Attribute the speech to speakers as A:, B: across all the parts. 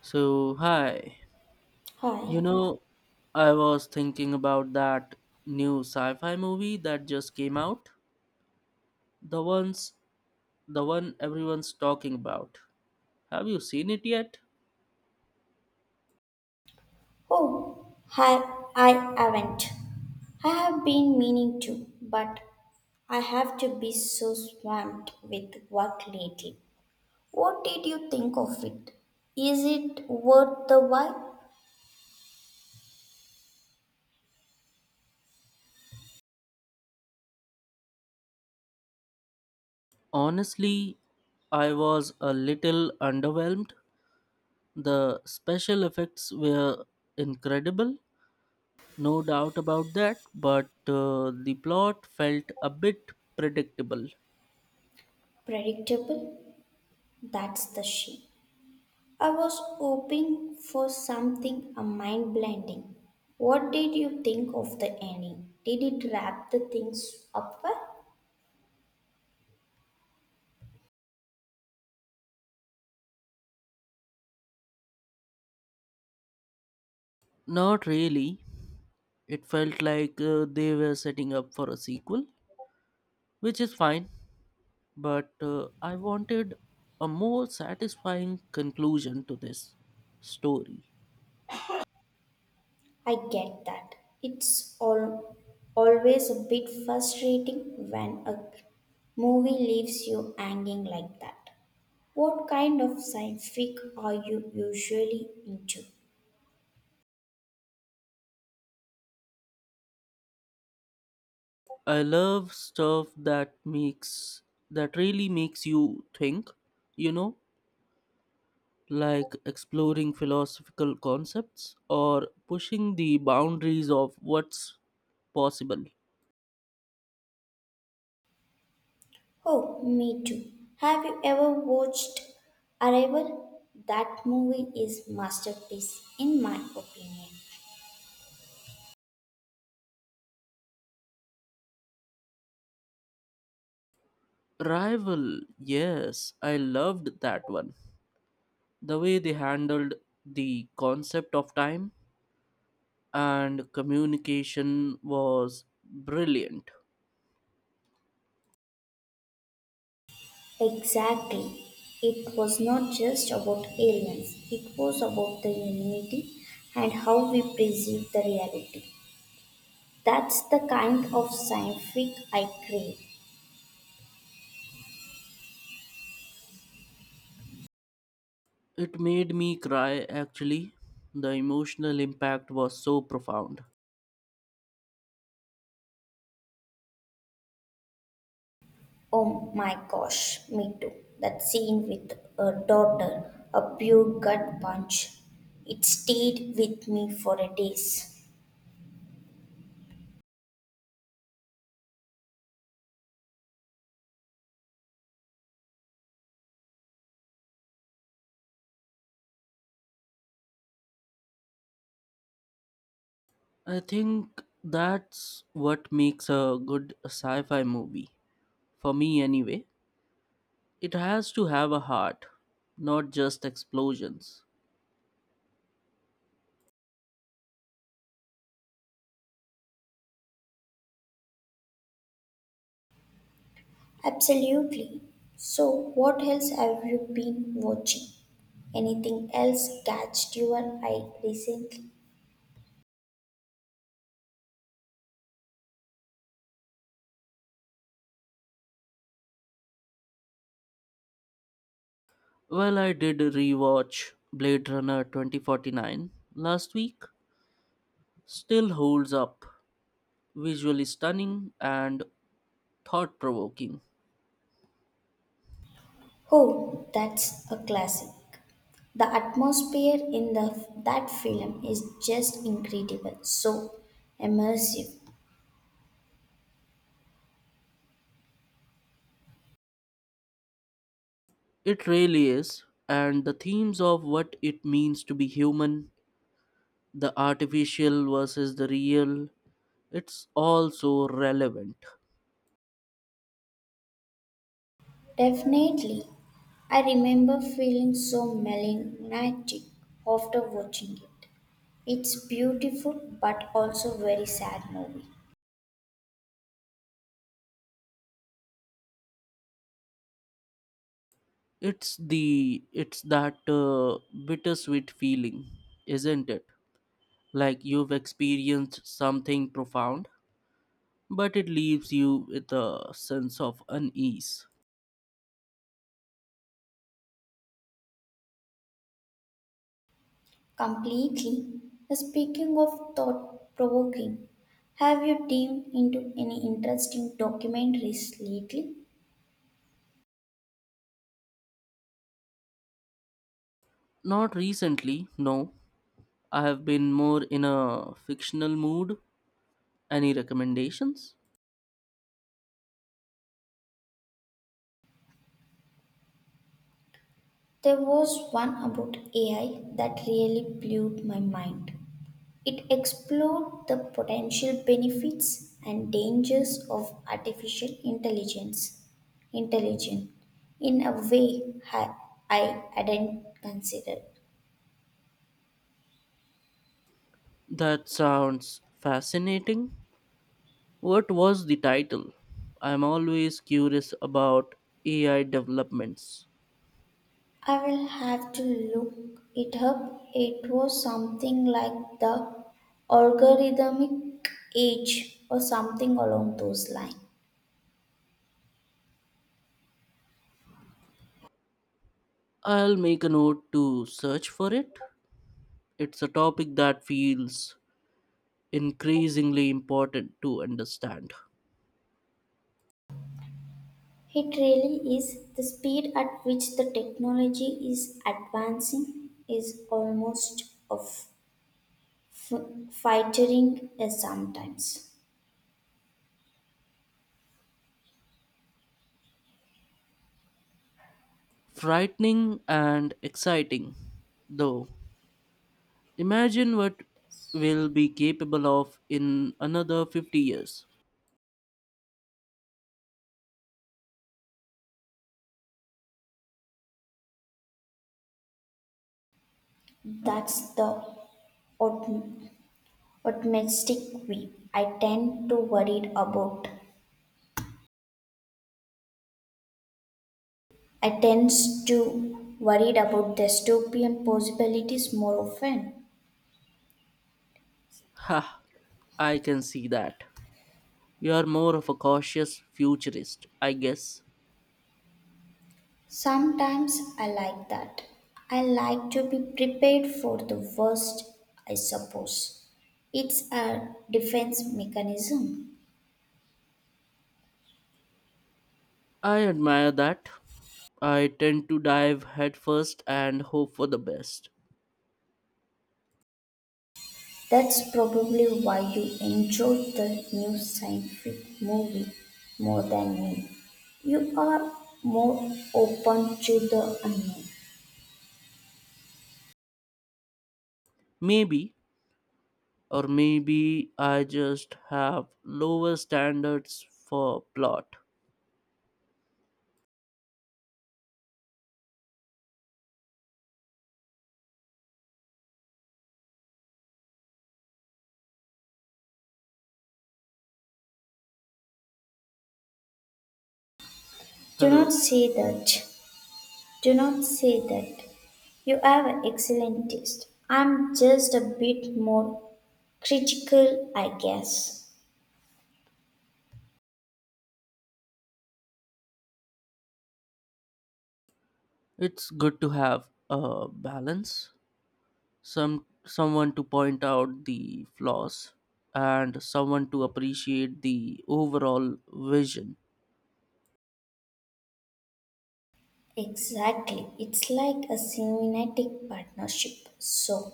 A: So, hi. You
B: Hi.
A: know, I was thinking about that new sci-fi movie that just came out. The ones the one everyone's talking about. Have you seen it yet?
B: Oh, hi, I haven't. I have been meaning to, but I have to be so swamped with work lately. What did you think of it? Is it worth the while?
A: Honestly, I was a little underwhelmed. The special effects were incredible, no doubt about that, but the plot felt a bit predictable.
B: Predictable? That's the shame. I was hoping for something a mind blending. What did you think of the ending? Did it wrap the things up well?
A: Not really. It felt like they were setting up for a sequel, which is fine, but I wanted a more satisfying conclusion to this story.
B: I get that. It's all, always a bit frustrating when a movie leaves you hanging like that. What kind of science fic are you usually into?
A: I love stuff that makes that really makes you think, you know, like exploring philosophical concepts or pushing the boundaries of what's possible.
B: Oh, me too. Have you ever watched Arrival? That movie is masterpiece in my opinion.
A: Rival, yes, I loved that one. The way they handled the concept of time and communication was brilliant.
B: Exactly. It was not just about aliens. It was about the humanity and how we perceive the reality. That's the kind of sci-fi I crave.
A: It made me cry, actually. The emotional impact was so profound.
B: Oh my gosh, me too. That scene with a daughter, a pure gut punch. It stayed with me for a days.
A: I think that's what makes a good sci fi movie. For me, anyway. It has to have a heart, not just explosions.
B: Absolutely. So, what else have you been watching? Anything else catched your eye recently?
A: Well, I did rewatch Blade Runner 2049 last week. Still holds up. Visually stunning and thought provoking.
B: Oh, that's a classic. The atmosphere in the that film is just incredible, so immersive.
A: It really is, and the themes of what it means to be human, the artificial versus the real, it's all so relevant.
B: Definitely. I remember feeling so melancholic after watching it. It's beautiful but also very sad movie.
A: It's that bittersweet feeling, isn't it? Like you've experienced something profound, but it leaves you with a sense of unease.
B: Completely. Speaking of thought provoking, have you dived into any interesting documentaries lately?
A: Not recently, no. I have been more in a fictional mood. Any recommendations?
B: There was one about AI that really blew my mind. It explored the potential benefits and dangers of artificial intelligence intelligence in a way I hadn't considered.
A: That sounds fascinating. What was the title? I'm always curious about AI developments.
B: I will have to look it up. It was something like the algorithmic age or something along those lines.
A: I'll make a note to search for it. It's a topic that feels increasingly important to understand.
B: It really is the speed at which the technology is advancing is almost of. F- Fightering is sometimes.
A: Frightening and exciting, though. Imagine what we'll be capable of in another 50 years.
B: That's the optim- optimistic way. I tend to worried about. I tends to worried about dystopian possibilities more often.
A: Ha, I can see that. You're more of a cautious futurist, I guess.
B: Sometimes I like that. I like to be prepared for the worst. I suppose it's a defense mechanism.
A: I admire that. I tend to dive headfirst and hope for the best.
B: That's probably why you enjoyed the new scientific movie more than me. You are more open to the unknown.
A: Maybe, or maybe I just have lower standards for plot.
B: Do not
A: Hello.
B: say that. Do not say that. You have an excellent taste. I'm just a bit more critical, I guess.
A: It's good to have a balance, someone to point out the flaws and someone to appreciate the overall vision.
B: Exactly. It's like a cinematic partnership. So,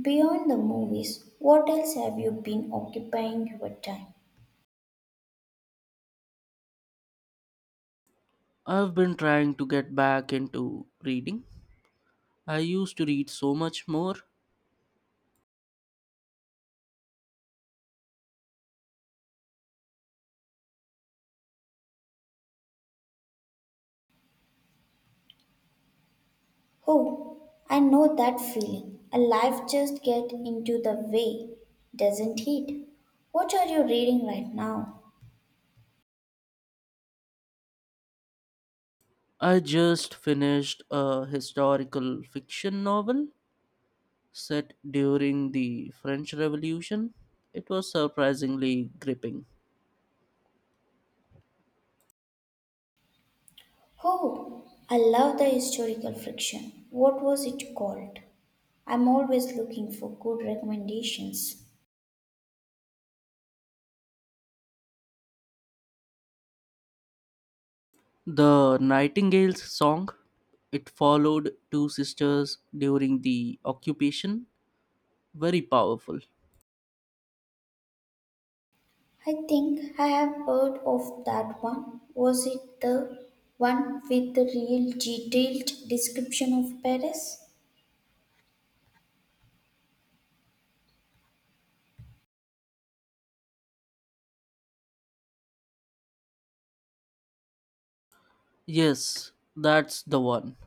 B: beyond the movies, what else have you been occupying your time?
A: I've been trying to get back into reading. I used to read so much more.
B: Oh, I know that feeling. A life just get into the way, doesn't it? What are you reading right now?
A: I just finished a historical fiction novel set during the French Revolution. It was surprisingly gripping.
B: Oh, I love the historical fiction. What was it called? I'm always looking for good recommendations.
A: The Nightingale's Song. It followed two sisters during the occupation. Very powerful.
B: I think I have heard of that one. Was it the one with the real detailed description of Paris?
A: Yes, that's the one.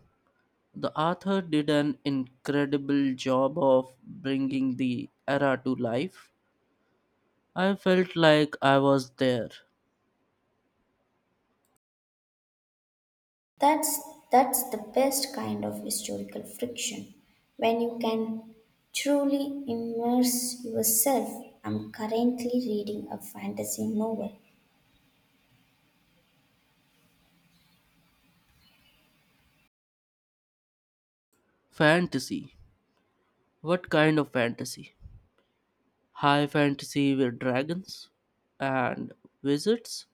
A: The author did an incredible job of bringing the era to life. I felt like I was there.
B: That's the best kind of historical friction when you can truly immerse yourself. I'm currently reading a fantasy novel.
A: Fantasy. What kind of fantasy? High fantasy with dragons and wizards?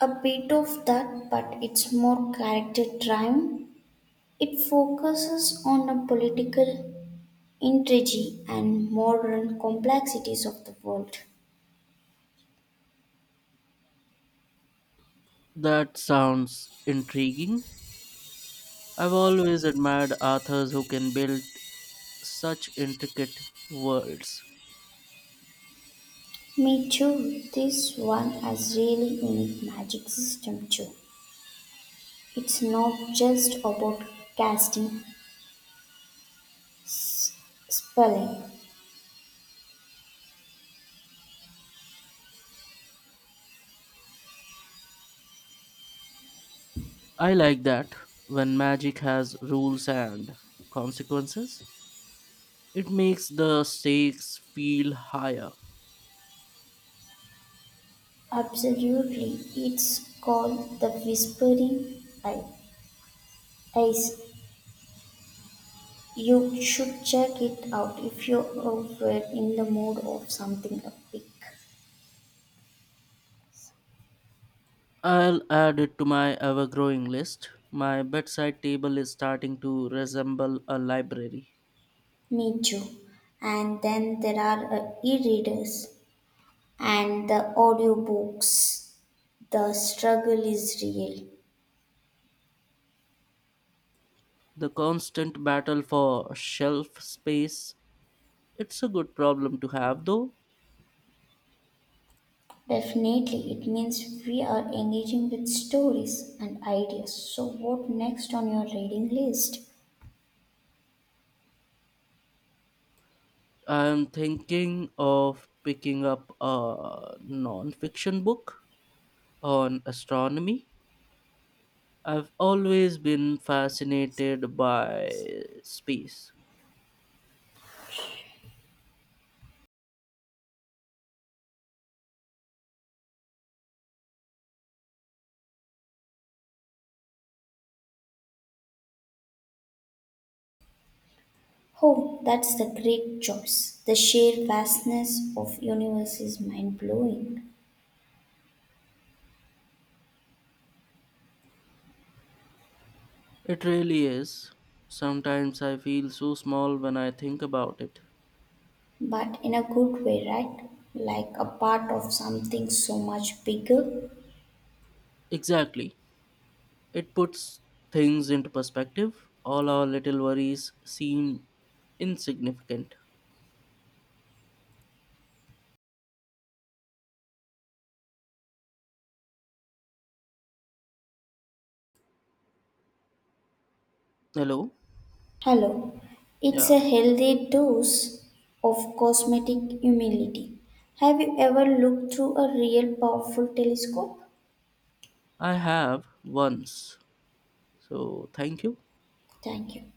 B: A bit of that, but it's more character driven. It focuses on the political intrigue and modern complexities of the world.
A: That sounds intriguing. I've always admired authors who can build such intricate worlds.
B: Me too. This one has really unique magic system too. It's not just about casting S- Spelling:
A: I like that, when magic has rules and consequences. It makes the stakes feel higher.
B: Absolutely, it's called the Whispering I- Ice. You should check it out if you were in the mood of something epic.
A: I'll add it to my ever growing list. My bedside table is starting to resemble a library.
B: Me too. And then there are e-readers and the audiobooks. The struggle is real.
A: The constant battle for shelf space. It's a good problem to have, though.
B: Definitely, it means we are engaging with stories and ideas. So, what next on your reading list?
A: I'm thinking of picking up a non-fiction book on astronomy. I've always been fascinated by space.
B: Oh, that's the great choice. The sheer vastness of universe is mind-blowing,
A: It really is. Sometimes I feel so small when I think about it.
B: but in a good way, right? Like a part of something so much bigger.
A: Exactly. It puts things into perspective. All our little worries seem insignificant. Hello?
B: Hello. It's a
A: Yeah,
B: healthy dose of cosmetic humility. Have you ever looked through a real powerful telescope?
A: I have once. So thank you.
B: Thank you.